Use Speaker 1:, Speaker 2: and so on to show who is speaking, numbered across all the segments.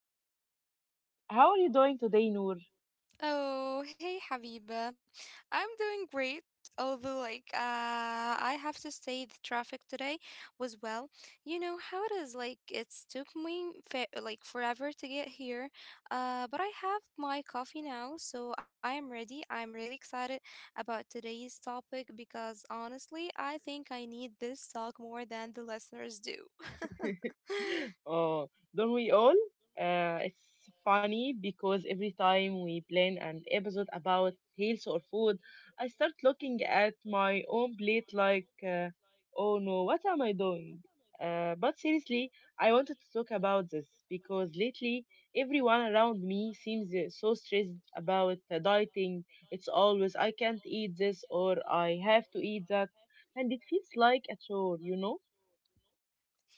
Speaker 1: It's Noor. How are you doing today, Noor?
Speaker 2: Oh, hey Habiba. I'm doing great, although like I have to say the traffic today was well. You know how it is, like it's took me fa like forever to get here. But I have my coffee now, so I am ready. I'm really excited about today's topic because honestly, I think I need this talk more than the listeners do.
Speaker 1: oh, don't we all? It's funny because every time we plan an episode about health or food, I start looking at my own plate like, oh no, what am I doing? But seriously, I wanted to talk about this because lately everyone around me seems so stressed about dieting. It's always I can't eat this or I have to eat that, and it feels like a chore, you know?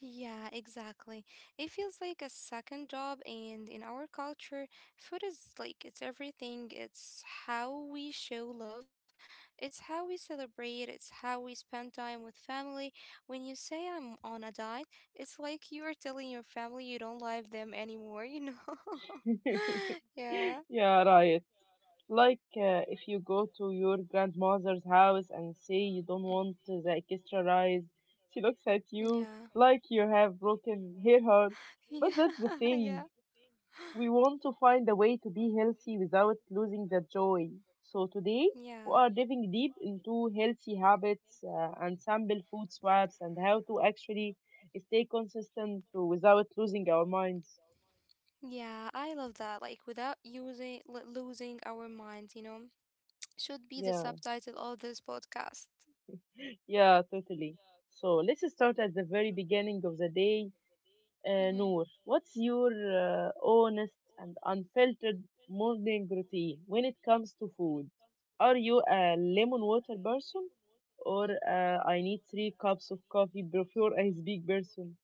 Speaker 2: Yeah, exactly. It feels like a second job, and in our culture, food is like it's everything. It's how we show love, it's how we celebrate, it's how we spend time with family. When you say I'm on a diet, it's like you are telling your family you don't love them anymore, Yeah,
Speaker 1: Yeah, right. If you go to your grandmother's house and say you don't want the extra rice, she looks at you
Speaker 2: yeah,
Speaker 1: like you have broken her heart.
Speaker 2: yeah,
Speaker 1: But that's the
Speaker 2: yeah,
Speaker 1: thing. We want to find a way to be healthy without losing the joy. So today we
Speaker 2: yeah.
Speaker 1: are diving deep into healthy habits and sample food swaps and how to actually stay consistent without losing our minds.
Speaker 2: Yeah, I love that. Like without using losing our minds. Should be the
Speaker 1: Yeah.
Speaker 2: subtitle of this podcast.
Speaker 1: Yeah, totally. So let's start at the very beginning of the day.
Speaker 2: Mhm.
Speaker 1: Noor, what's your honest and unfiltered morning routine when it comes to food? Are you a lemon water person or, I need three cups of coffee before I speak person?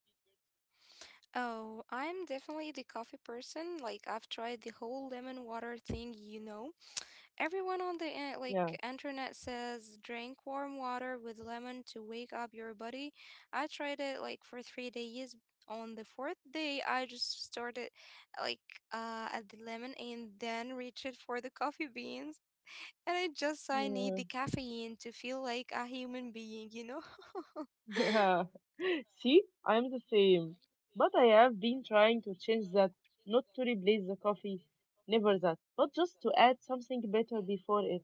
Speaker 2: Oh, I'm definitely the coffee person. Like I've tried the whole lemon water thing, Everyone on the
Speaker 1: Yeah,
Speaker 2: in- like internet says drink warm water with lemon to wake up your body. I tried it like for 3 days. On the fourth day, I just started like at the lemon and then reached for the coffee beans, and I need the
Speaker 1: yeah.
Speaker 2: caffeine to feel like a human being,
Speaker 1: Yeah. See, I'm the same. But I have been trying to change that, not to replace the coffee, never that, but just to add something better before it.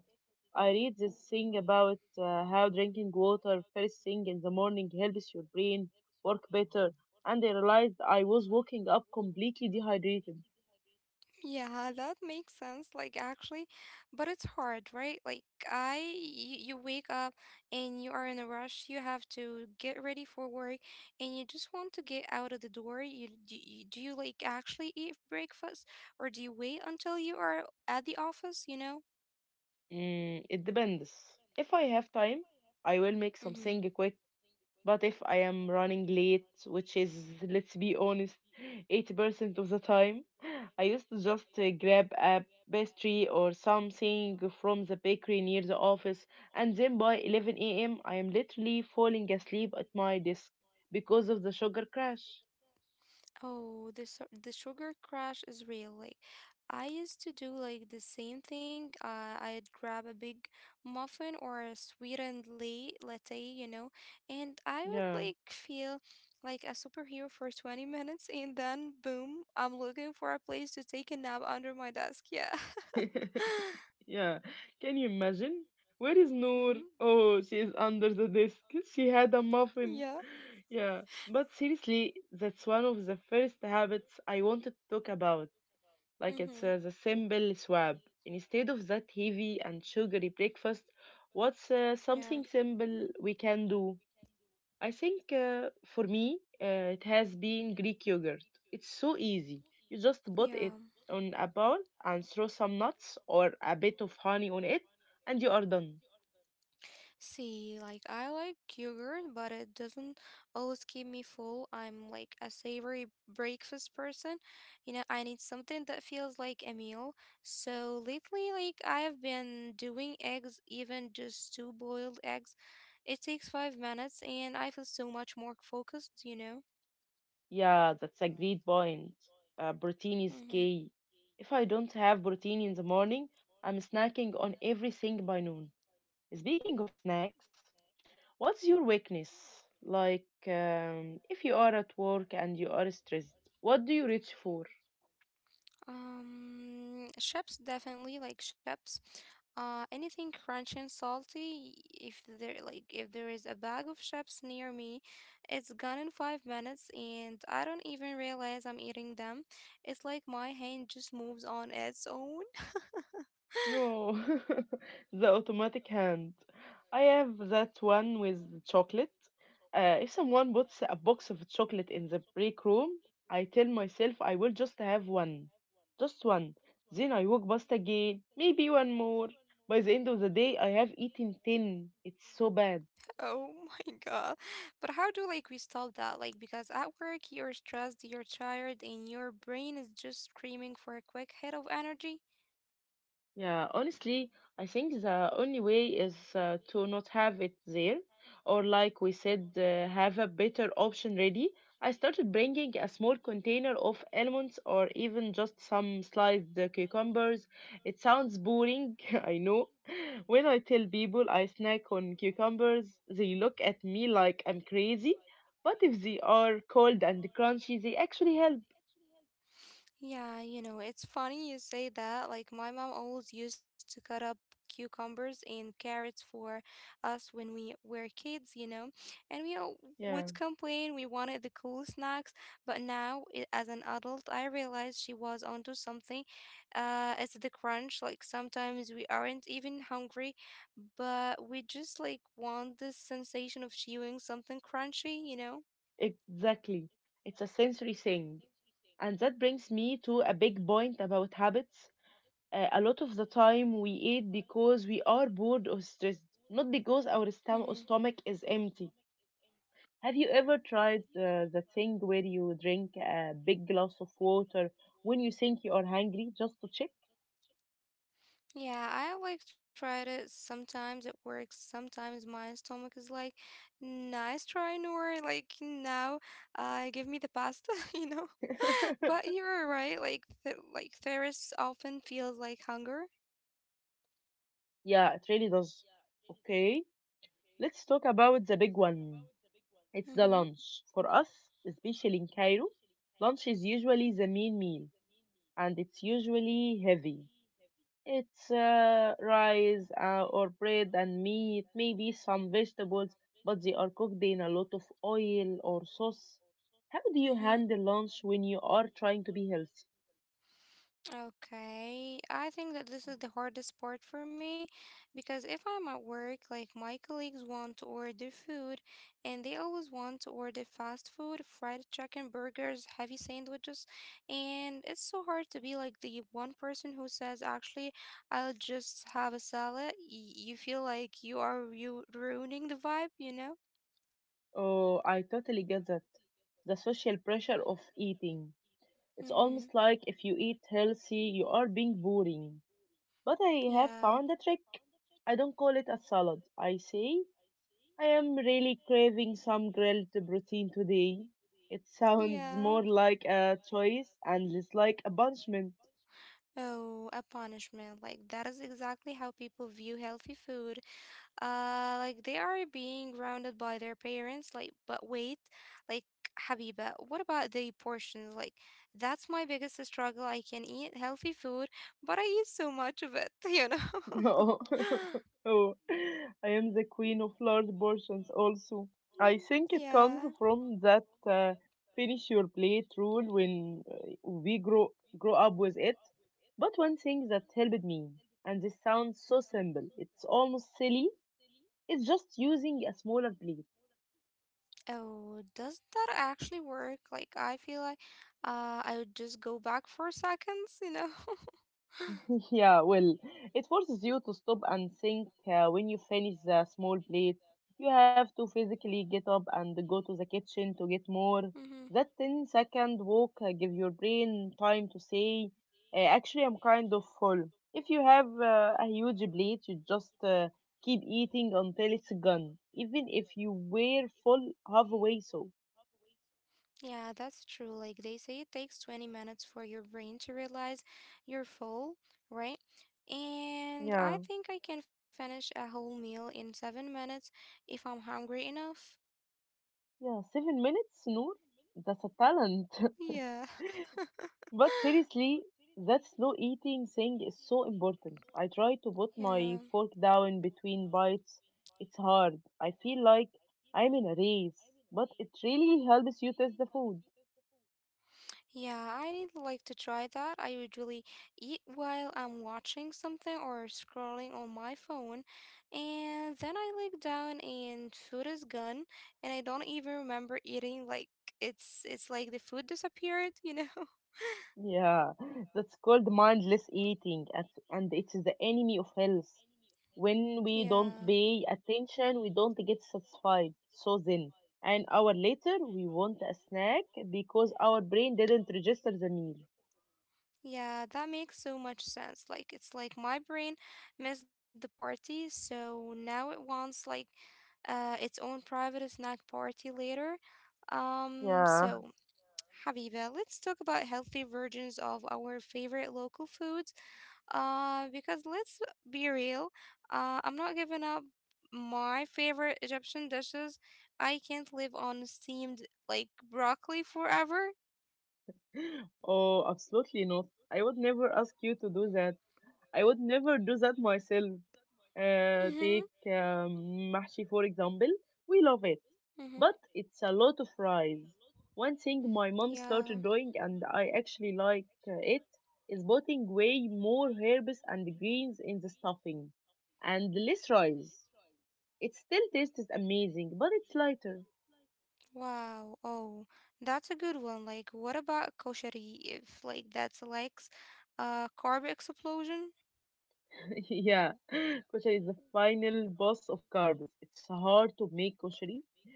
Speaker 1: I read this thing about how drinking water first thing in the morning helps your brain work better, and I realized I was waking up completely dehydrated.
Speaker 2: Yeah, that makes sense. Like, actually, but it's hard, right? Like, you wake up and you are in a rush. You have to get ready for work and you just want to get out of the door. Do you like actually eat breakfast or do you wait until you are at the office, you know?
Speaker 1: Mm, it depends. If I have time, I will make
Speaker 2: Mm-hmm.
Speaker 1: something quick. But if I am running late, which is, let's be honest, 80% of the time, I used to just grab a pastry or something from the bakery near the office, and then by 11 a.m., I am literally falling asleep at my desk because of the sugar crash.
Speaker 2: Oh, the sugar crash is real. Like, I used to do like the same thing. I'd grab a big muffin or a sweetened late latte, you know, and I would like
Speaker 1: Yeah.
Speaker 2: feel like a superhero for 20 minutes, and then boom, I'm looking for a place to take a nap under my desk. Yeah.
Speaker 1: Yeah, can you imagine? Where is Noor?
Speaker 2: Mm-hmm.
Speaker 1: Oh, she's under the desk. She had a muffin.
Speaker 2: Yeah.
Speaker 1: Yeah, but seriously, that's one of the first habits I wanted to talk about. Like it's
Speaker 2: Mm-hmm.
Speaker 1: The simple swab. Instead of that heavy and sugary breakfast, what's
Speaker 2: Yeah.
Speaker 1: something simple we can do? I think, for me, it has been Greek yogurt. It's so easy. You just put it
Speaker 2: Yeah.
Speaker 1: on a bowl and throw some nuts or a bit of honey on it, and you are done.
Speaker 2: See, like I like yogurt, but it doesn't always keep me full. I'm like a savory breakfast person. You know, I need something that feels like a meal. So lately, like I have been doing eggs, even just two boiled eggs. It takes 5 minutes and I feel so much more focused, you know?
Speaker 1: Yeah, that's a great point. Protein is
Speaker 2: Mm-hmm.
Speaker 1: key. If I don't have protein in the morning, I'm snacking on everything by noon. Speaking of snacks, what's your weakness? Like, if you are at work and you are stressed, what do you reach for?
Speaker 2: Chips, definitely, like chips. Anything crunchy and salty. If there is a bag of chips near me, it's gone in 5 minutes, and I don't even realize I'm eating them. It's like my hand just moves on its own.
Speaker 1: Yo, the automatic hand. I have that one with chocolate. If someone puts a box of chocolate in the break room, I tell myself I will just have one. Just one. Then I walk past again, maybe one more. By the end of the day, I have eaten 10. It's so bad.
Speaker 2: Oh my god! But how do like we stop that? Like, because at work you're stressed, you're tired, and your brain is just screaming for a quick hit of energy.
Speaker 1: Yeah, honestly, I think the only way is to not have it there, or like we said, have a better option ready. I started bringing a small container of almonds or even just some sliced cucumbers. It sounds boring, I know. When I tell people I snack on cucumbers, they look at me like I'm crazy. But if they are cold and crunchy, they actually help.
Speaker 2: Yeah, you know, it's funny you say that. Like, my mom always used to cut up cucumbers and carrots for us when we were kids, you know, and we all
Speaker 1: Yeah,
Speaker 2: would complain we wanted the cool snacks. But now, as an adult, I realized she was onto something. It's the crunch. Like, sometimes we aren't even hungry, but we just like want this sensation of chewing something crunchy, you know?
Speaker 1: exactly. It's a sensory thing. And that brings me to a big point about habits. A lot of the time we eat because we are bored or stressed, not because our
Speaker 2: Mm-hmm.
Speaker 1: stomach is empty. Have you ever tried the thing where you drink a big glass of water when you think you are hungry just to check?
Speaker 2: Yeah, I like tried it. Sometimes it works. Sometimes my stomach is like, nice try, Noor. Like now, give me the pasta, you know. But you're right. Like, th like thirst often feels like hunger.
Speaker 1: Yeah, it really does. Okay, let's talk about the big one. It's the
Speaker 2: Mm-hmm.
Speaker 1: lunch. For us, especially in Cairo, lunch is usually the main meal and it's usually heavy. It's rice or bread and meat, maybe some vegetables, but they are cooked in a lot of oil or sauce. How do you
Speaker 2: Mm-hmm.
Speaker 1: handle lunch when you are trying to be healthy?
Speaker 2: Okay, I think that this is the hardest part for me because if I'm at work, like my colleagues want to order food and they always want to order fast food, fried chicken, burgers, heavy sandwiches, and it's so hard to be like the one person who says, actually, I'll just have a salad. You feel like you are ru ruining the vibe, you know?
Speaker 1: Oh, I totally get that. The social pressure of eating. It's
Speaker 2: Mm-hmm.
Speaker 1: almost like if you eat healthy, you are being boring. But I have
Speaker 2: Yeah.
Speaker 1: found a trick. I don't call it a salad. I say I am really craving some grilled protein today. It sounds
Speaker 2: Yeah.
Speaker 1: more like a choice and less like a punishment.
Speaker 2: Oh, a punishment. Like, that is exactly how people view healthy food. Like, they are being grounded by their parents. Like, but wait, like, Habiba, what about the portions? Like, that's my biggest struggle. I can eat healthy food, but I eat so much of it, you know?
Speaker 1: No. Oh, I am the queen of large portions also. I think it
Speaker 2: Yeah.
Speaker 1: comes from that, finish your plate rule when we grow up with it. But one thing that helped me, and this sounds so simple, it's almost silly, is just using a smaller plate.
Speaker 2: Oh, does that actually work? Like, I feel like I would just go back for seconds, you know?
Speaker 1: Yeah, well, it forces you to stop and think when you finish the small plate. You have to
Speaker 2: You have to
Speaker 1: physically get up and
Speaker 2: physically
Speaker 1: go
Speaker 2: get
Speaker 1: to
Speaker 2: up
Speaker 1: the
Speaker 2: and go to
Speaker 1: kitchen to
Speaker 2: the kitchen,
Speaker 1: get more.
Speaker 2: cook Mm-hmm. more.
Speaker 1: That ten-second walk gives your brain time to say, actually, I'm kind of full. If you have a huge plate, you just keep eating until it's gone, even if you were full halfway. So,
Speaker 2: Yeah, that's true. Like they say, it takes 20 minutes for your brain to realize you're full, right? And
Speaker 1: yeah,
Speaker 2: I think I can finish a whole meal in 7 minutes if I'm hungry enough.
Speaker 1: yeah, 7 minutes, Noor, that's a talent.
Speaker 2: Yeah.
Speaker 1: But seriously, that slow eating thing is so important. I try to put
Speaker 2: I Yeah.
Speaker 1: my fork down between bites. It's hard. I feel like I'm in a race, but it really helps you taste the food.
Speaker 2: Yeah, I'd like to try that. I usually eat while I'm watching something or scrolling on my phone, and then I look down and food is gone, and I don't even remember eating. Like it's like the food disappeared, you know?
Speaker 1: Yeah, that's called mindless eating, and it's the enemy of health. When we
Speaker 2: Yeah.
Speaker 1: don't pay attention, we don't get satisfied. So then, an hour later, we want a snack because our brain didn't register the meal.
Speaker 2: Yeah, that makes so much sense. Like it's like my brain missed the party, so now it wants like its own private snack party later. Um,
Speaker 1: Yeah.
Speaker 2: so Habiba, let's talk about healthy versions of our favorite local foods. Because let's be real, I'm not giving up my favorite Egyptian dishes. I can't live on steamed like broccoli forever.
Speaker 1: Oh, absolutely not. I would never ask you to do that. I would never do that myself. Uh,
Speaker 2: Mm-hmm,
Speaker 1: take um, mahshi, for example. We love it,
Speaker 2: hmm.
Speaker 1: but it's a lot of rice. One thing my mom
Speaker 2: Yeah.
Speaker 1: started doing, and I actually it, is putting way more herbs and greens in the stuffing and less rice. It still tastes amazing, but it's lighter.
Speaker 2: Wow. Oh, that's a good one. Like, what about koshari, if like that's like a carb explosion?
Speaker 1: Yeah, koshari is the final boss of carbs. It's hard to make koshari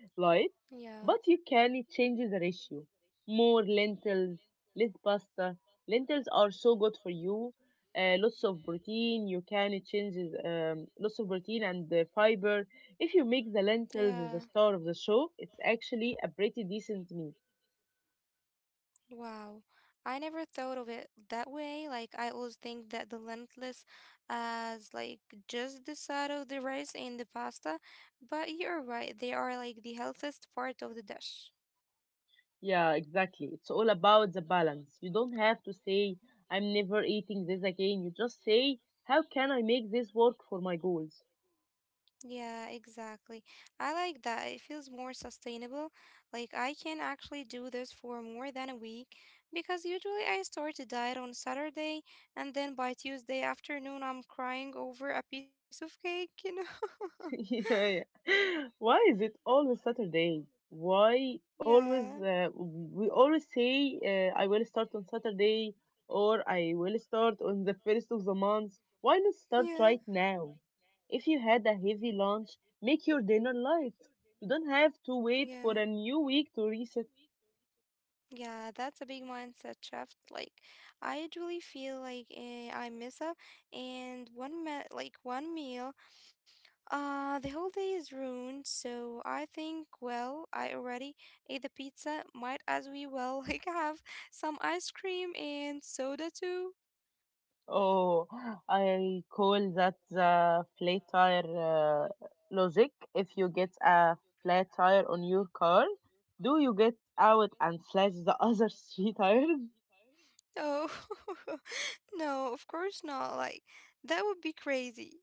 Speaker 1: light,
Speaker 2: Yeah.
Speaker 1: but you can change the ratio. More lentils, less pasta. Lentils are so good for you. Lots of protein. You can change lots of protein and the fiber. If you make the
Speaker 2: Yeah.
Speaker 1: lentils the star of the show, it's actually a pretty decent meal.
Speaker 2: Wow. I never thought of it that way. Like I always think that the lentless as like just the side of the rice and the pasta, but you're right, they are like the healthiest part of the dish.
Speaker 1: Yeah, exactly. It's all about the balance. You don't have to say, I'm never eating this again. You just say, how can I make this work for my goals?
Speaker 2: Yeah, exactly. I like that. It feels more sustainable. Like I can actually do this for more than a week, because usually I start a diet on Saturday and then by Tuesday afternoon I'm crying over a piece of cake, you know?
Speaker 1: Yeah. Yeah. Why is it always Saturday? Why
Speaker 2: Yeah,
Speaker 1: always, we always say, I will start on Saturday or I will start on the first of the month. Why not start
Speaker 2: yeah,
Speaker 1: right now? If you had a heavy lunch, make your dinner light. You don't have to
Speaker 2: yeah.
Speaker 1: wait for a new week to reset.
Speaker 2: Yeah, that's a big mindset shift. Like, I usually feel like eh, I mess up, and one me like one meal, the whole day is ruined, so I think, well, I already ate the pizza. Might as we well like have some ice cream and soda too.
Speaker 1: Oh, I call that the flat tire logic. If you get a flat tire on your car, do you get out and flash the other three tires?
Speaker 2: Oh, no, of course not. Like that would be crazy.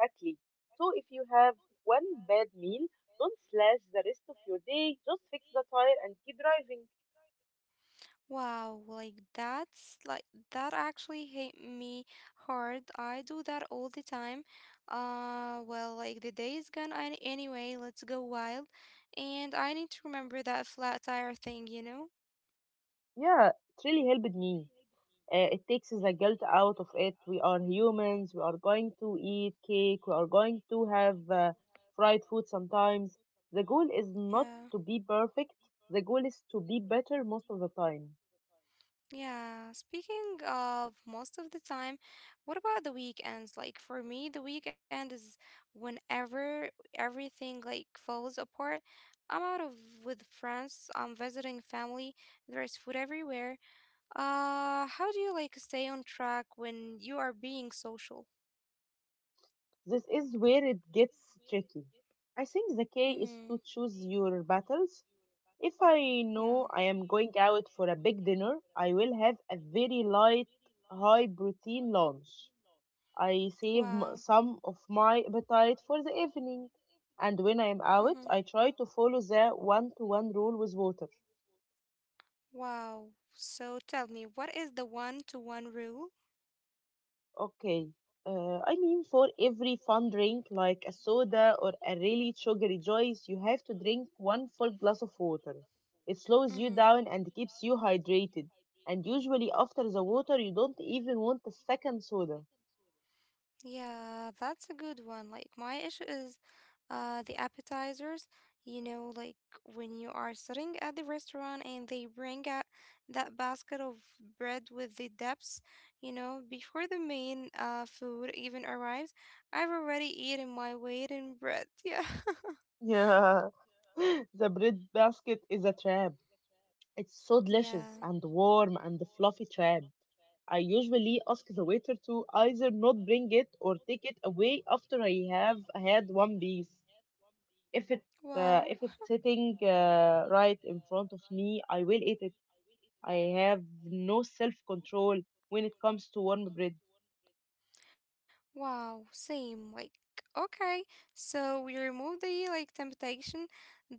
Speaker 1: Exactly. So if you have one bad meal, don't slash the rest of your day. Just fix the tire and keep driving.
Speaker 2: Wow, like that actually hit me hard. I do that all the time. Well, like the day is gone anyway. Let's go wild, and I need to remember that flat tire thing, you know?
Speaker 1: Yeah, it really helped me. It takes the guilt out of it. We are humans. We are going to eat cake. We are going to have fried food sometimes. The goal is not
Speaker 2: Yeah.
Speaker 1: to be perfect. The goal is to be better most of the time.
Speaker 2: Yeah, speaking of most of the time, what about the weekends? Like for me, the weekend is whenever everything like falls apart. I'm out of with friends, I'm visiting family, there's food everywhere. How do you like stay on track when you are being social?
Speaker 1: This is where it gets tricky. I think the key
Speaker 2: Mm-hmm.
Speaker 1: is to choose your battles. If I
Speaker 2: Yeah.
Speaker 1: know I am going out for a big dinner, I will have a very light, high protein lunch. I save
Speaker 2: Wow.
Speaker 1: some of my appetite for the evening. And when I'm
Speaker 2: Mm-hmm.
Speaker 1: out, I try to follow the one to one rule with water.
Speaker 2: Wow. So tell me, what is the one-to-one rule?
Speaker 1: Okay. For every fun drink like a soda or a really sugary juice, you have to drink one full glass of water. It slows you down
Speaker 2: Mm-hmm.
Speaker 1: and keeps you hydrated. And usually, after the water, you don't even want a second soda.
Speaker 2: Yeah, that's a good one. Like my issue is the appetizers, you know, like when you are sitting at the restaurant and they bring out that basket of bread with the dips, you know, before the main food even arrives, I've already eaten my weight in bread. Yeah.
Speaker 1: Yeah, the bread basket is a trap. It's so delicious
Speaker 2: Yeah.
Speaker 1: and warm and fluffy trap. I usually ask the waiter to either not bring it or take it away after I have had one piece. If it
Speaker 2: Wow.
Speaker 1: if it's sitting right in front of me, I will eat it. I have no self control when it comes to warm bread.
Speaker 2: Wow, same. Like, okay, so we remove the like temptation.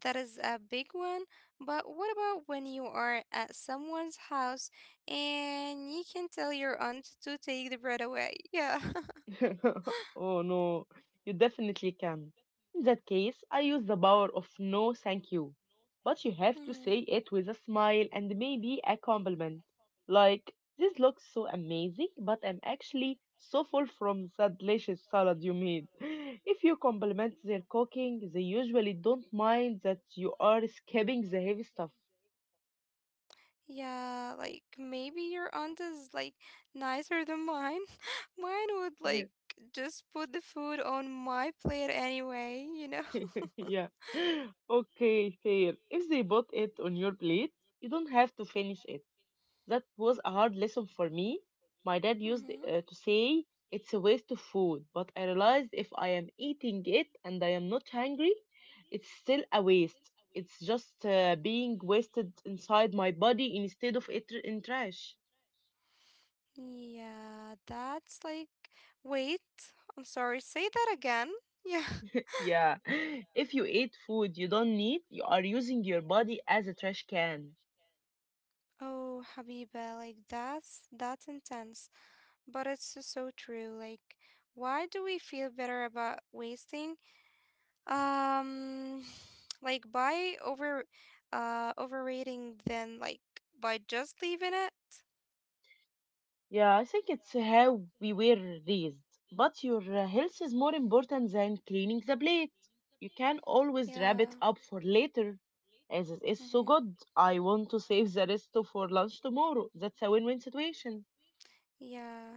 Speaker 2: That is a big one. But what about when you are at someone's house and you can tell your aunt to take the bread away? Yeah.
Speaker 1: Oh no, you definitely can. In that case, I use the power of no thank you. But you have to
Speaker 2: Mhm.
Speaker 1: say it with a smile and maybe a compliment. Like, this looks so amazing, but I'm actually so full from that delicious salad you made. If you compliment their cooking, they usually don't mind that you are skipping the heavy stuff.
Speaker 2: Yeah, like maybe your aunt is like nicer than mine. Mine would
Speaker 1: Yeah,
Speaker 2: like just put the food on my plate anyway, you know?
Speaker 1: yeah. Okay, fair. If they bought it on your plate, you don't have to finish it. That was a hard lesson for me. My dad used
Speaker 2: Mhm.
Speaker 1: to say it's a waste of food, but I realized if I am eating it and I am not hungry, it's still a waste. It's just being wasted inside my body instead of it in trash.
Speaker 2: Yeah, that's like, wait, I'm sorry, say that again. Yeah.
Speaker 1: Yeah. If you eat food you don't need, you are using your body as a trash can.
Speaker 2: Oh, Habiba, like that's intense, but it's so, so true. Like, why do we feel better about wasting? Um, like by overrating than like by just leaving it.
Speaker 1: Yeah, I think it's how we were raised. But your health is more important than cleaning the plate. You can always
Speaker 2: Yeah.
Speaker 1: wrap it up for later, as it is
Speaker 2: Mm-hmm.
Speaker 1: so good. I want to save the for lunch tomorrow. That's a win win situation.
Speaker 2: Yeah.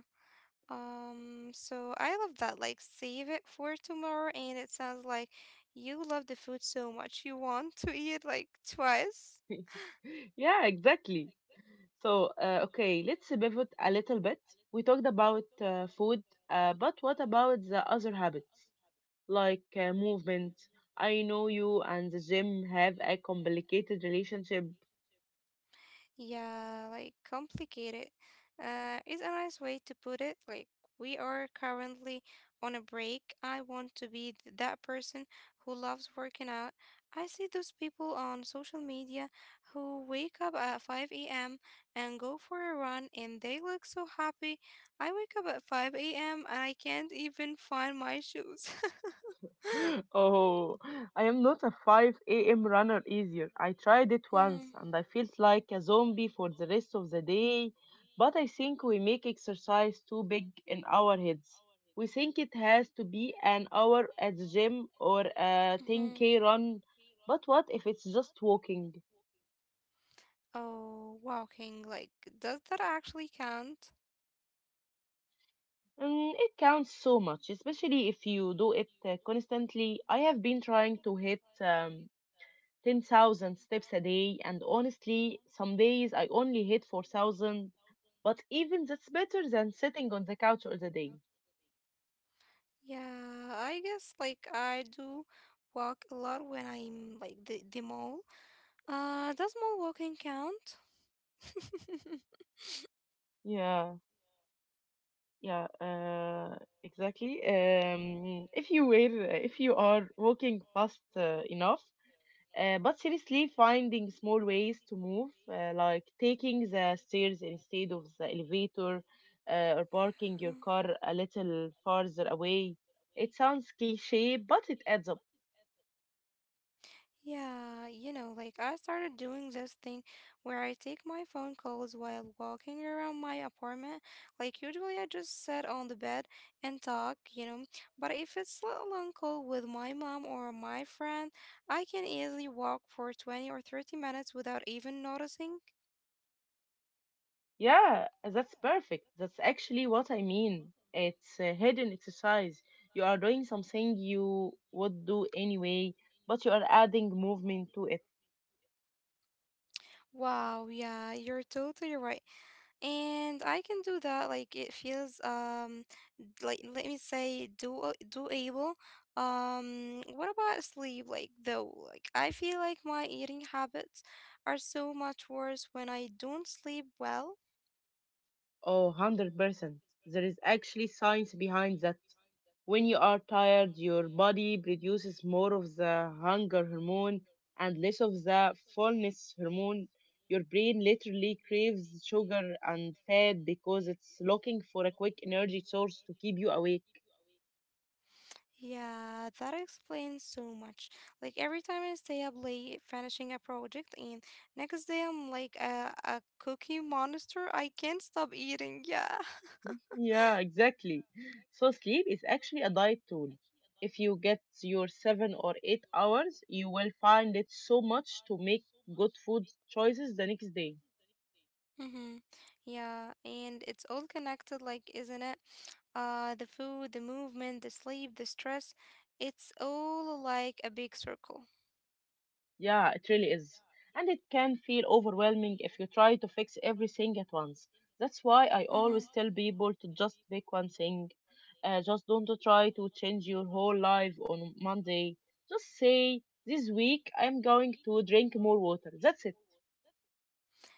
Speaker 2: So I love that. Like, save it for tomorrow, and it sounds like you love the food so much you want to eat like twice.
Speaker 1: yeah, exactly. Okay, let's pivot a little bit. We talked about food, but what about the other habits, like movement? I know you and the gym have a complicated relationship.
Speaker 2: Yeah, complicated is a nice way to put it. Like, we are currently on a break. I want to be that person who loves working out. I see those people on social media who wake up at 5 a.m. and go for a run, and they look so happy. I wake up at 5 a.m. and I can't even find my shoes.
Speaker 1: Oh, I am not a 5 a.m. runner either. I tried it
Speaker 2: Mm-hmm.
Speaker 1: once and I felt like a zombie for the rest of the day. But I think we make exercise too big in our heads. We think it has to be an hour at the gym or a
Speaker 2: Mm-hmm.
Speaker 1: 10k run. But what if it's just walking?
Speaker 2: Oh, walking, like, does that actually count?
Speaker 1: Mm, it counts so much, especially if you do it constantly. I have been trying to hit 10,000 steps a day, and honestly, some days I only hit 4,000, but even that's better than sitting on the couch all the day.
Speaker 2: Yeah, I guess like I do walk a lot when I'm like the mall. Does mall walking count?
Speaker 1: Yeah, yeah, exactly. If you are walking fast enough, but seriously, finding small ways to move, like taking the stairs instead of the elevator, or parking
Speaker 2: Yeah.
Speaker 1: your car a little farther away. It sounds cliche, but it adds up.
Speaker 2: Yeah, you know, like I started doing this thing where I take my phone calls while walking around my apartment. Like usually I just sit on the bed and talk, you know, but if it's a long call with my mom or my friend, I can easily walk for 20 or 30 minutes without even noticing.
Speaker 1: Yeah, that's perfect. That's actually what I mean. It's a hidden exercise. You are doing something you would do anyway, but you are adding movement to it.
Speaker 2: Wow, yeah, you're totally right. And I can do that. Like, it feels like, let me say, do doable. What about sleep? Like, though, like, I feel like my eating habits are so much worse when I don't sleep well.
Speaker 1: Oh, 100%. There is actually science behind that. When you are tired, your body produces more of the hunger hormone and less of the fullness hormone. Your brain literally craves sugar and fat because it's looking for a quick energy source to keep you awake.
Speaker 2: Yeah, that explains so much. Like, every time I stay up late finishing a project, and next day I'm like a cookie monster. I can't stop eating. Yeah.
Speaker 1: Yeah, exactly. So sleep is actually a diet tool. If you get your 7 or 8 hours, you will find it so much to make good food choices the next day.
Speaker 2: Mm-hmm. Yeah, and it's all connected, like, isn't it? The food, the movement, the sleep, the stress, it's all like a big circle.
Speaker 1: Yeah, it really is. And it can feel overwhelming if you try to fix everything at once. That's why I
Speaker 2: Mm-hmm.
Speaker 1: always tell people to just pick one thing. Just don't try to change your whole life on Monday. Just say, this week I'm going to drink more water. That's it.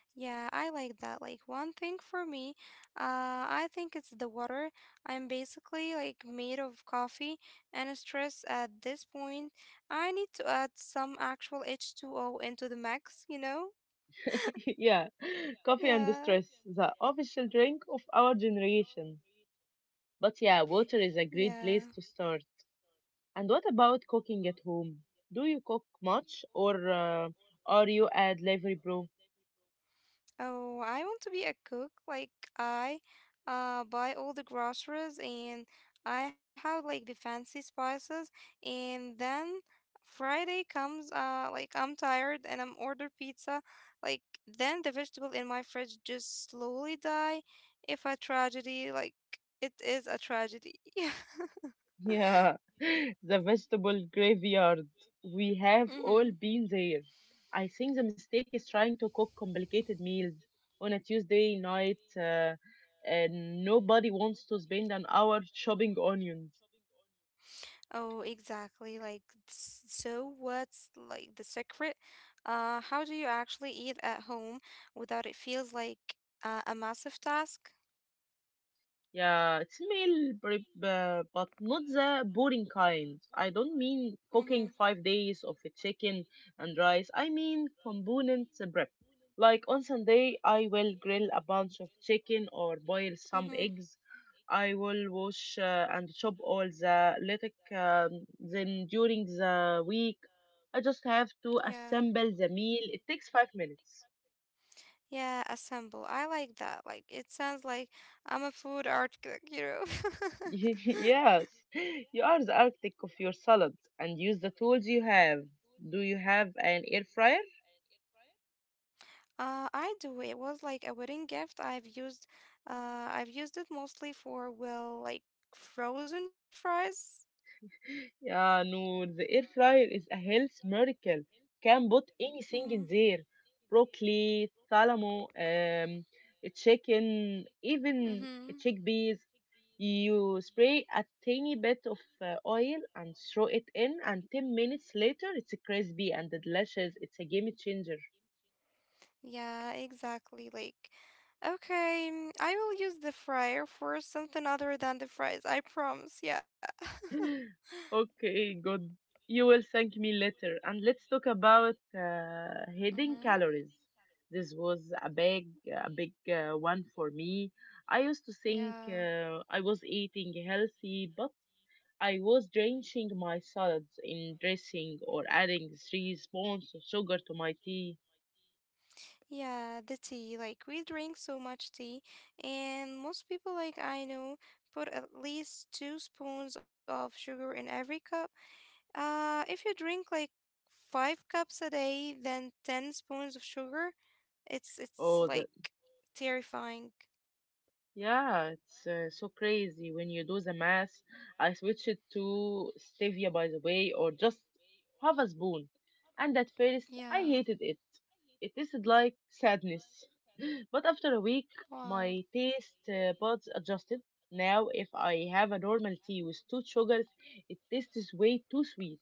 Speaker 2: Yeah, I like that. Like, one thing for me, I think it's the water. I'm basically like made of coffee and stress at this point. I need to add some actual H2O into the mix, you know?
Speaker 1: yeah. Coffee and
Speaker 2: Yeah.
Speaker 1: stress, the official drink of our generation. But yeah, water is a great place
Speaker 2: Yeah.
Speaker 1: to start. And what about cooking at home? Do you cook much, or are you a delivery bro?
Speaker 2: Oh, I want to be a cook. Like, I buy all the groceries and I have like the fancy spices, and then Friday comes. Like, I'm tired and I'm order pizza. Like, then the vegetable in my fridge just slowly die. If a tragedy, like, it is a tragedy.
Speaker 1: Yeah, the vegetable graveyard. We have all
Speaker 2: mm
Speaker 1: been there. I think the mistake is trying to cook complicated meals on a Tuesday night. And nobody wants to spend an hour chopping onions.
Speaker 2: Oh, exactly. Like, so what's like the secret? How do you actually eat at home without it feels like a massive task?
Speaker 1: Yeah, it's meal prep, but not the boring kind. I don't mean
Speaker 2: Mm-hmm.
Speaker 1: cooking 5 days of a chicken and rice. I mean component prep. Like on Sunday, I will grill a bunch of chicken or boil some
Speaker 2: Mm-hmm.
Speaker 1: eggs. I will wash and chop all the lettuce. Then during the week, I just have to
Speaker 2: Yeah.
Speaker 1: assemble the meal. It takes 5 minutes.
Speaker 2: Yeah, assemble. I like that. Like, it sounds like I'm a food art cook, you know?
Speaker 1: Yes, you are the architect of your salad, and use the tools you have. Do you have an air fryer?
Speaker 2: I do. It was like a wedding gift. I've used it mostly for, well, like, frozen fries.
Speaker 1: Yeah, no, the air fryer is a health miracle. Can put
Speaker 2: Mm-hmm.
Speaker 1: anything in there. Broccoli, salamo, chicken, even
Speaker 2: Mm-hmm.
Speaker 1: chickpeas. You spray a tiny bit of oil and throw it in, and 10 minutes later, it's crispy and delicious. It's a game changer.
Speaker 2: Yeah, exactly. Like, okay, I will use the fryer for something other than the fries. I promise. Yeah.
Speaker 1: Okay, good. You will thank me later. And let's talk about hidden
Speaker 2: Mm-hmm.
Speaker 1: calories. This was a big one for me. I used to think
Speaker 2: Yeah.
Speaker 1: I was eating healthy, but I was drenching my salads in dressing or adding three spoons of sugar to my tea.
Speaker 2: Yeah, the tea. Like, we drink so much tea, and most people, like I know, put at least two spoons of sugar in every cup. If you drink like five cups a day, then 10 spoons of sugar, it's
Speaker 1: Oh,
Speaker 2: it's
Speaker 1: the,
Speaker 2: like terrifying.
Speaker 1: Yeah, it's so crazy when you do the math. I switched it to stevia, by the way, or just half a spoon. And at first, I
Speaker 2: Yeah.
Speaker 1: hated it. It tasted like sadness. But after a week, my
Speaker 2: Wow.
Speaker 1: taste buds adjusted. Now, if I have a normal tea with two sugars, it tastes way too sweet.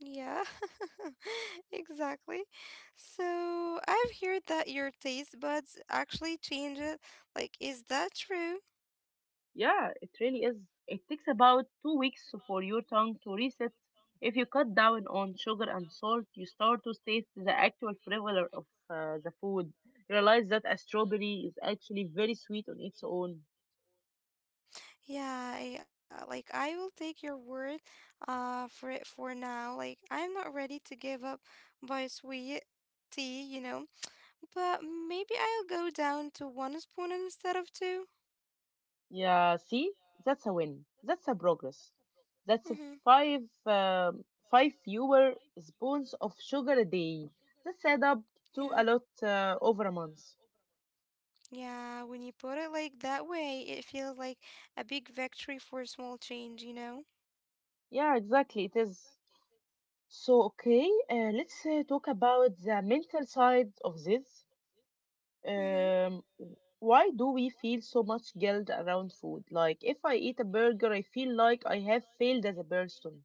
Speaker 2: Yeah, exactly. So I've heard that your taste buds actually change it. Like, is that true?
Speaker 1: Yeah, it really is. It takes about 2 weeks for your tongue to reset. If you cut down on sugar and salt, you start to taste the actual flavor of the food. You realize that a strawberry is actually very sweet on its own.
Speaker 2: Yeah, like, I will take your word for it for now. Like, I'm not ready to give up by sweet tea, you know. But maybe I'll go down to one spoon instead of 2.
Speaker 1: Yeah, see, that's a win. That's a progress. That's a
Speaker 2: Mm-hmm.
Speaker 1: five um, fewer spoons of sugar a day. That's add up
Speaker 2: Yeah.
Speaker 1: to a lot over a month.
Speaker 2: Yeah, when you put it like that way, it feels like a big victory for small change, you know?
Speaker 1: Yeah, exactly. It is. So, okay, let's talk about the mental side of this.
Speaker 2: Mm-hmm.
Speaker 1: Um, why do we feel so much guilt around food? Like, if I eat a burger, I feel like I have failed as a person.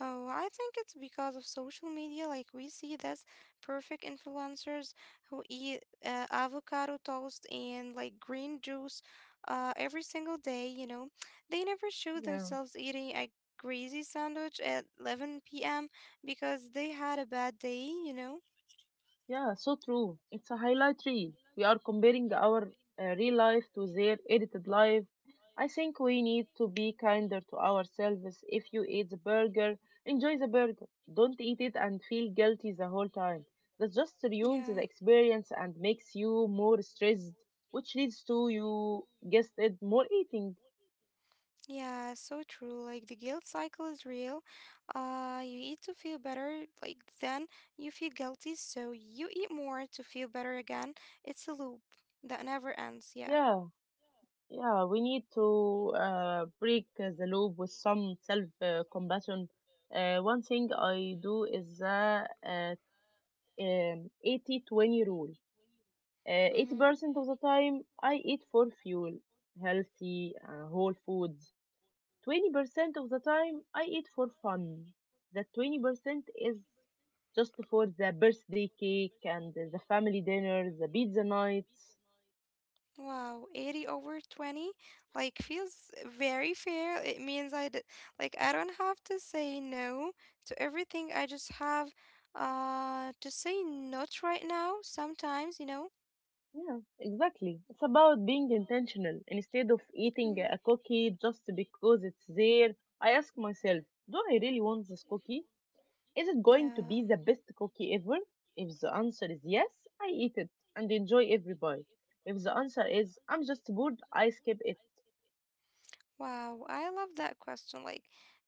Speaker 2: Oh, I think it's because of social media. Like, we see this perfect influencers who eat avocado toast and like green juice every single day, you know. They never show
Speaker 1: Yeah.
Speaker 2: themselves eating a greasy sandwich at 11 p.m. because they had a bad day, you know.
Speaker 1: Yeah, so true. It's a highlight reel. We are comparing our real life to their edited life. I think we need to be kinder to ourselves. If you eat the burger, enjoy the burger. Don't eat it and feel guilty the whole time. That just ruins
Speaker 2: Yeah.
Speaker 1: the experience and makes you more stressed, which leads to, you guessed it, more eating.
Speaker 2: Yeah, so true. Like, the guilt cycle is real. You eat to feel better, like, then you feel guilty, so you eat more to feel better again. It's a loop that never ends. Yeah.
Speaker 1: Yeah. Yeah, we need to break the loop with some self compassion. One thing I do is the 80-20 rule.
Speaker 2: Mm-hmm.
Speaker 1: 80% of the time I eat for fuel, healthy, whole foods. 20% of the time I eat for fun. That 20% is just for the birthday cake and the family dinner, the pizza nights.
Speaker 2: Wow, 80 over 20 like feels very fair. It means I d like, I don't have to say no to everything. I just have to say not right now sometimes, you know.
Speaker 1: Yeah, exactly. It's about being intentional. Instead of eating
Speaker 2: Mm.
Speaker 1: a cookie just because it's there, I ask myself, do I really want this cookie? Is it going to
Speaker 2: Yeah.
Speaker 1: be the best cookie ever? If the answer is yes, I eat it and enjoy every bite. If the answer is I'm just bored, I skip it.
Speaker 2: Wow, I love that question. Like,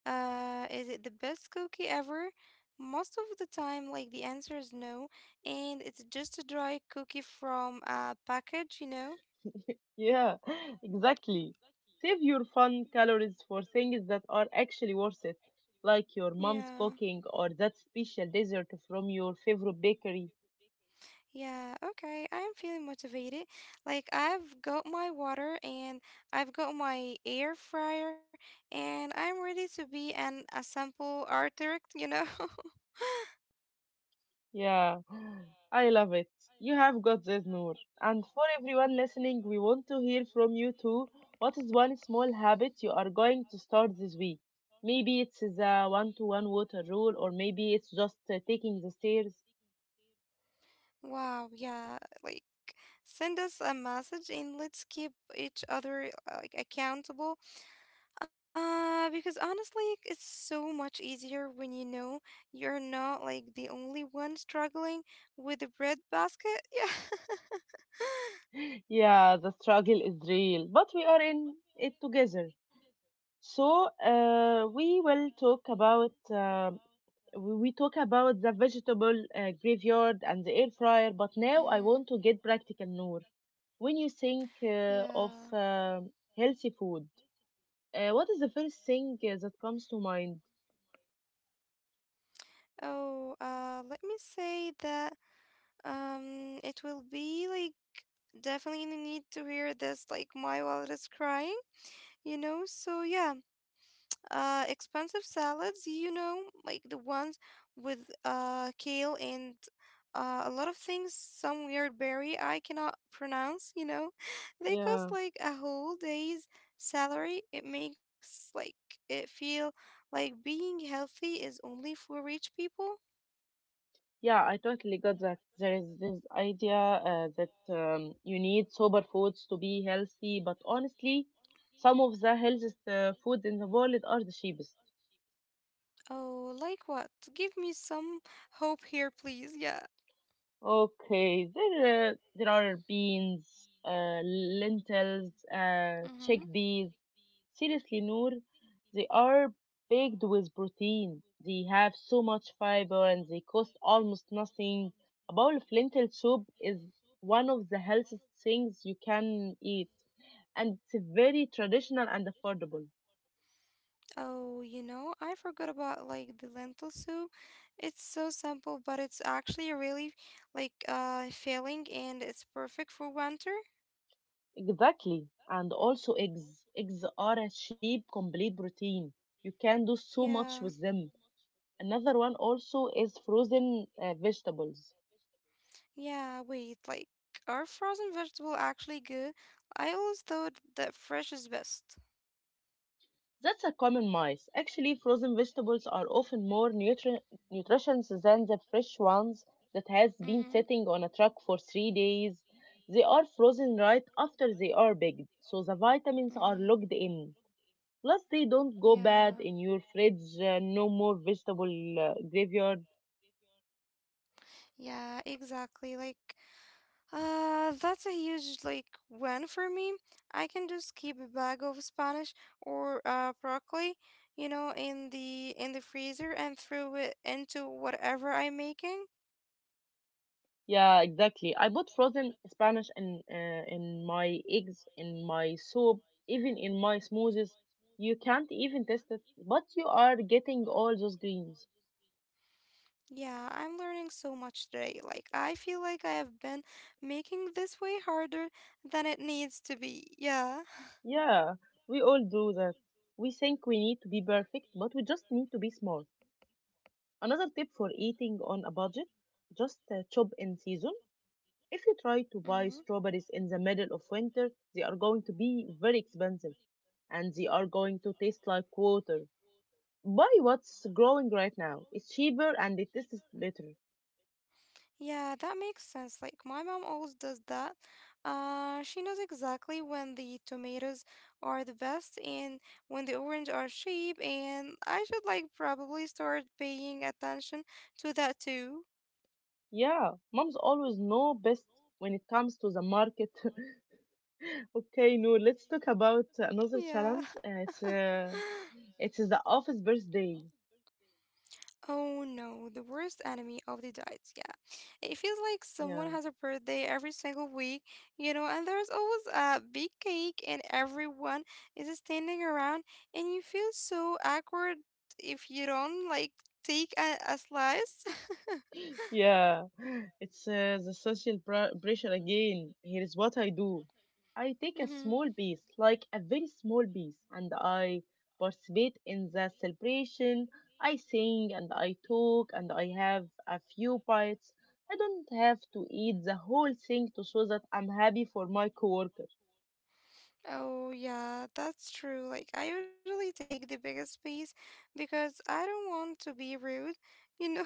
Speaker 2: is it the best cookie ever? Most of the time, like, the answer is no, and it's just a dry cookie from a package, you know?
Speaker 1: Yeah, exactly. Save your fun calories for things that are actually worth it, like your
Speaker 2: Yeah.
Speaker 1: mom's cooking or that special dessert from your favorite bakery.
Speaker 2: Yeah, okay. I'm feeling motivated. Like, I've got my water and I've got my air fryer, and I'm ready to be an assemble architect, you know?
Speaker 1: Yeah, I love it. You have got this, Noor. And for everyone listening, we want to hear from you too. What is one small habit you are going to start this week? Maybe it's the one to one water rule, or maybe it's just taking the stairs.
Speaker 2: Wow, yeah, like, send us a message and let's keep each other like, accountable. Because honestly, it's so much easier when you know you're not like the only one struggling with the bread basket. Yeah.
Speaker 1: Yeah, the struggle is real, but we are in it together. So, we will talk about. We talk about the vegetable graveyard and the air fryer, but now I
Speaker 2: Mm-hmm.
Speaker 1: want to get practical, Noor. When you think of
Speaker 2: Yeah.
Speaker 1: healthy food, what is the first thing that comes to mind?
Speaker 2: Oh, let me say that. It will be like, definitely need to hear this. Like, my wallet is crying, you know. So yeah, expensive salads, you know, like the ones with kale and a lot of things, some weird berry I cannot pronounce, you know. They
Speaker 1: Yeah,
Speaker 2: cost like a whole day's salary. It makes like it feel like being healthy is only for rich people.
Speaker 1: yeah, I totally got that. There is this idea that you need sober foods to be healthy, but honestly, some of the healthiest foods in the world are the cheapest.
Speaker 2: Oh, like what? Give me some hope here, please. Yeah.
Speaker 1: Okay, there are beans, lentils,
Speaker 2: Mm-hmm.
Speaker 1: chickpeas. Seriously, Noor, they are baked with protein. They have so much fiber and they cost almost nothing. A bowl of lentil soup is one of the healthiest things you can eat, and it's very traditional and affordable.
Speaker 2: Oh, you know, I forgot about like the lentil soup. It's so simple, but it's actually really like filling, and it's perfect for winter.
Speaker 1: Exactly. And also eggs. Eggs are a cheap, complete protein. You can do so much
Speaker 2: Yeah.
Speaker 1: with them. Another one also is frozen vegetables.
Speaker 2: Yeah, wait, like, are frozen vegetable actually good? I always thought that fresh is best.
Speaker 1: That's a common myth. Actually, frozen vegetables are often more nutritious than the fresh ones that has been
Speaker 2: Mm-hmm.
Speaker 1: sitting on a truck for 3 days. They are frozen right after they are picked, so the vitamins are
Speaker 2: Mm-hmm.
Speaker 1: locked in. Plus, they don't go bad
Speaker 2: Yeah.
Speaker 1: in your fridge. No more vegetable graveyard.
Speaker 2: Yeah, exactly. Like, that's a huge like win for me. I can just keep a bag of Spanish or broccoli, you know, in the freezer and throw it into whatever I'm making.
Speaker 1: Yeah, exactly. I put frozen Spanish in my eggs, in my soup, even in my smoothies. You can't even taste it, but you are getting all those greens.
Speaker 2: Yeah, I'm learning so much today. Like, I feel like I have been making this way harder than it needs to be. Yeah.
Speaker 1: Yeah, we all do that. We think we need to be perfect, but we just need to be smart. Another tip for eating on a budget, just chop in season. If you try to buy
Speaker 2: Mm-hmm.
Speaker 1: strawberries in the middle of winter, they are going to be very expensive and they are going to taste like water. Buy what's growing right now. It's cheaper and it tastes better.
Speaker 2: Yeah, that makes sense. Like, my mom always does that. She knows exactly when the tomatoes are the best and when the orange are cheap, and I should like probably start paying attention to that too.
Speaker 1: Yeah, moms always know best when it comes to the market. okay, no, let's talk about another
Speaker 2: Yeah.
Speaker 1: challenge. It's the office birthday.
Speaker 2: Oh no, the worst enemy of the diet. Yeah. It feels like someone
Speaker 1: Yeah.
Speaker 2: has a birthday every single week, you know, and there's always a big cake and everyone is standing around, and you feel so awkward if you don't like take a slice.
Speaker 1: Yeah, it's the social pressure again. Here is what I do. I take a small piece, like a very small piece, and I participate in the celebration. I sing and I talk and I have a few bites. I don't have to eat the whole thing to show that I'm happy for my coworker.
Speaker 2: Oh, yeah, that's true. Like, I usually take the biggest piece because I don't want to be rude, you know.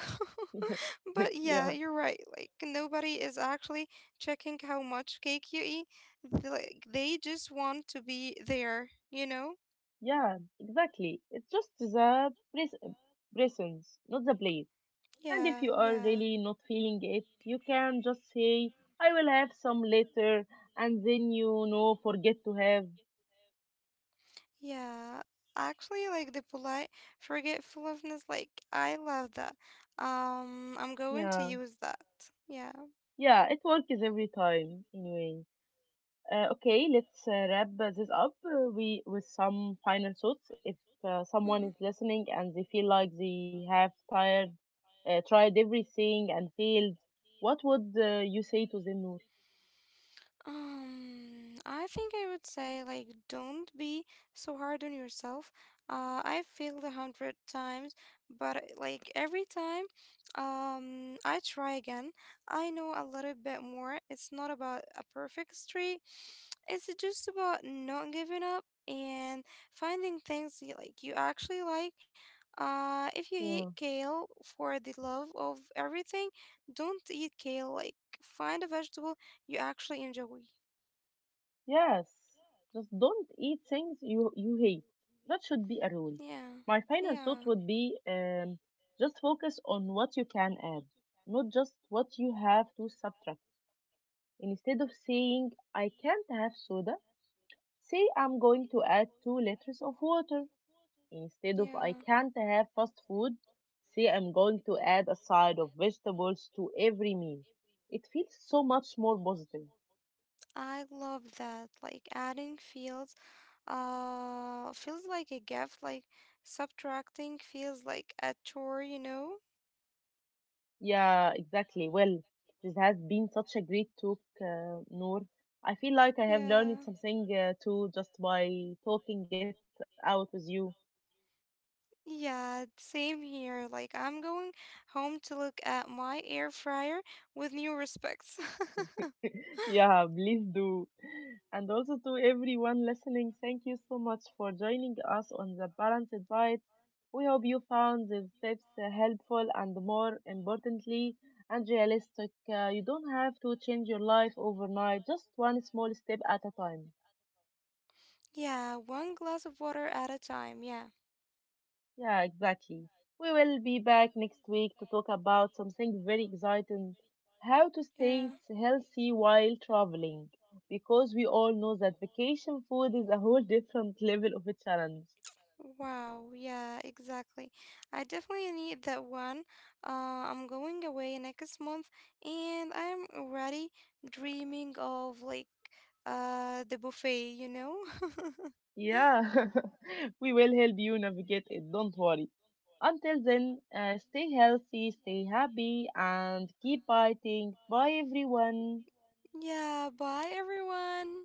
Speaker 2: But yeah,
Speaker 1: yeah,
Speaker 2: you're right. Like, nobody is actually checking how much cake you eat. They, like, they just want to be there, you know?
Speaker 1: yeah, exactly. It's just the presence, not the place.
Speaker 2: Yeah,
Speaker 1: And if you
Speaker 2: yeah,
Speaker 1: are really not feeling it, you can just say, I will have some later, and then you know, forget to have.
Speaker 2: yeah. Actually, like, the polite forgetfulness, like, I love that. I'm going to
Speaker 1: Yeah,
Speaker 2: use that. Yeah.
Speaker 1: yeah, it works every time, anyway. Okay, let's wrap this up with some final thoughts. If someone is
Speaker 2: Hmm.
Speaker 1: listening and they feel like they have tried everything and failed, what would you say to them, Noor?
Speaker 2: I think I would say, like, don't be so hard on yourself. I failed 100 times, but like, every time, I try again. I know a little bit more. It's not about a perfect street. It's just about not giving up and finding things you, like, you actually like. If you hate
Speaker 1: Yeah.
Speaker 2: kale, for the love of everything, don't eat kale. Like, find a vegetable you actually enjoy.
Speaker 1: Yes, just don't eat things you hate. That should be a rule.
Speaker 2: Yeah,
Speaker 1: My final
Speaker 2: yeah,
Speaker 1: thought would be just focus on what you can add, not just what you have to subtract. Instead of saying I can't have soda, say I'm going to add 2 liters of water. Instead of I
Speaker 2: yeah.
Speaker 1: can't have fast food, say I'm going to add a side of vegetables to every meal. It feels so much more positive.
Speaker 2: I love that. Like, adding feels feels like a gift, like subtracting feels like a chore, you know?
Speaker 1: Yeah, exactly. Well, this has been such a great talk, Noor. I feel like I have learned
Speaker 2: Yeah.
Speaker 1: something too just by talking it out with you.
Speaker 2: Yeah, same here. Like, I'm going home to look at my air fryer with new respects.
Speaker 1: Yeah, please do. And also to everyone listening, thank you so much for joining us on the Balanced Diet. We hope you found these tips helpful and more importantly and realistic. You don't have to change your life overnight, just one small step at a time.
Speaker 2: Yeah, one glass of water at a time. Yeah.
Speaker 1: Yeah, exactly. We will be back next week to talk about something very exciting: how to stay
Speaker 2: Yeah.
Speaker 1: healthy while traveling. Because we all know that vacation food is a whole different level of a challenge.
Speaker 2: Wow, yeah, exactly. I definitely need that one. I'm going away next month, and I'm already dreaming of like the buffet, you know?
Speaker 1: Yeah, we will help you navigate it, don't worry. Until then, stay healthy, stay happy, and keep biting. Bye, everyone.
Speaker 2: Yeah, bye everyone.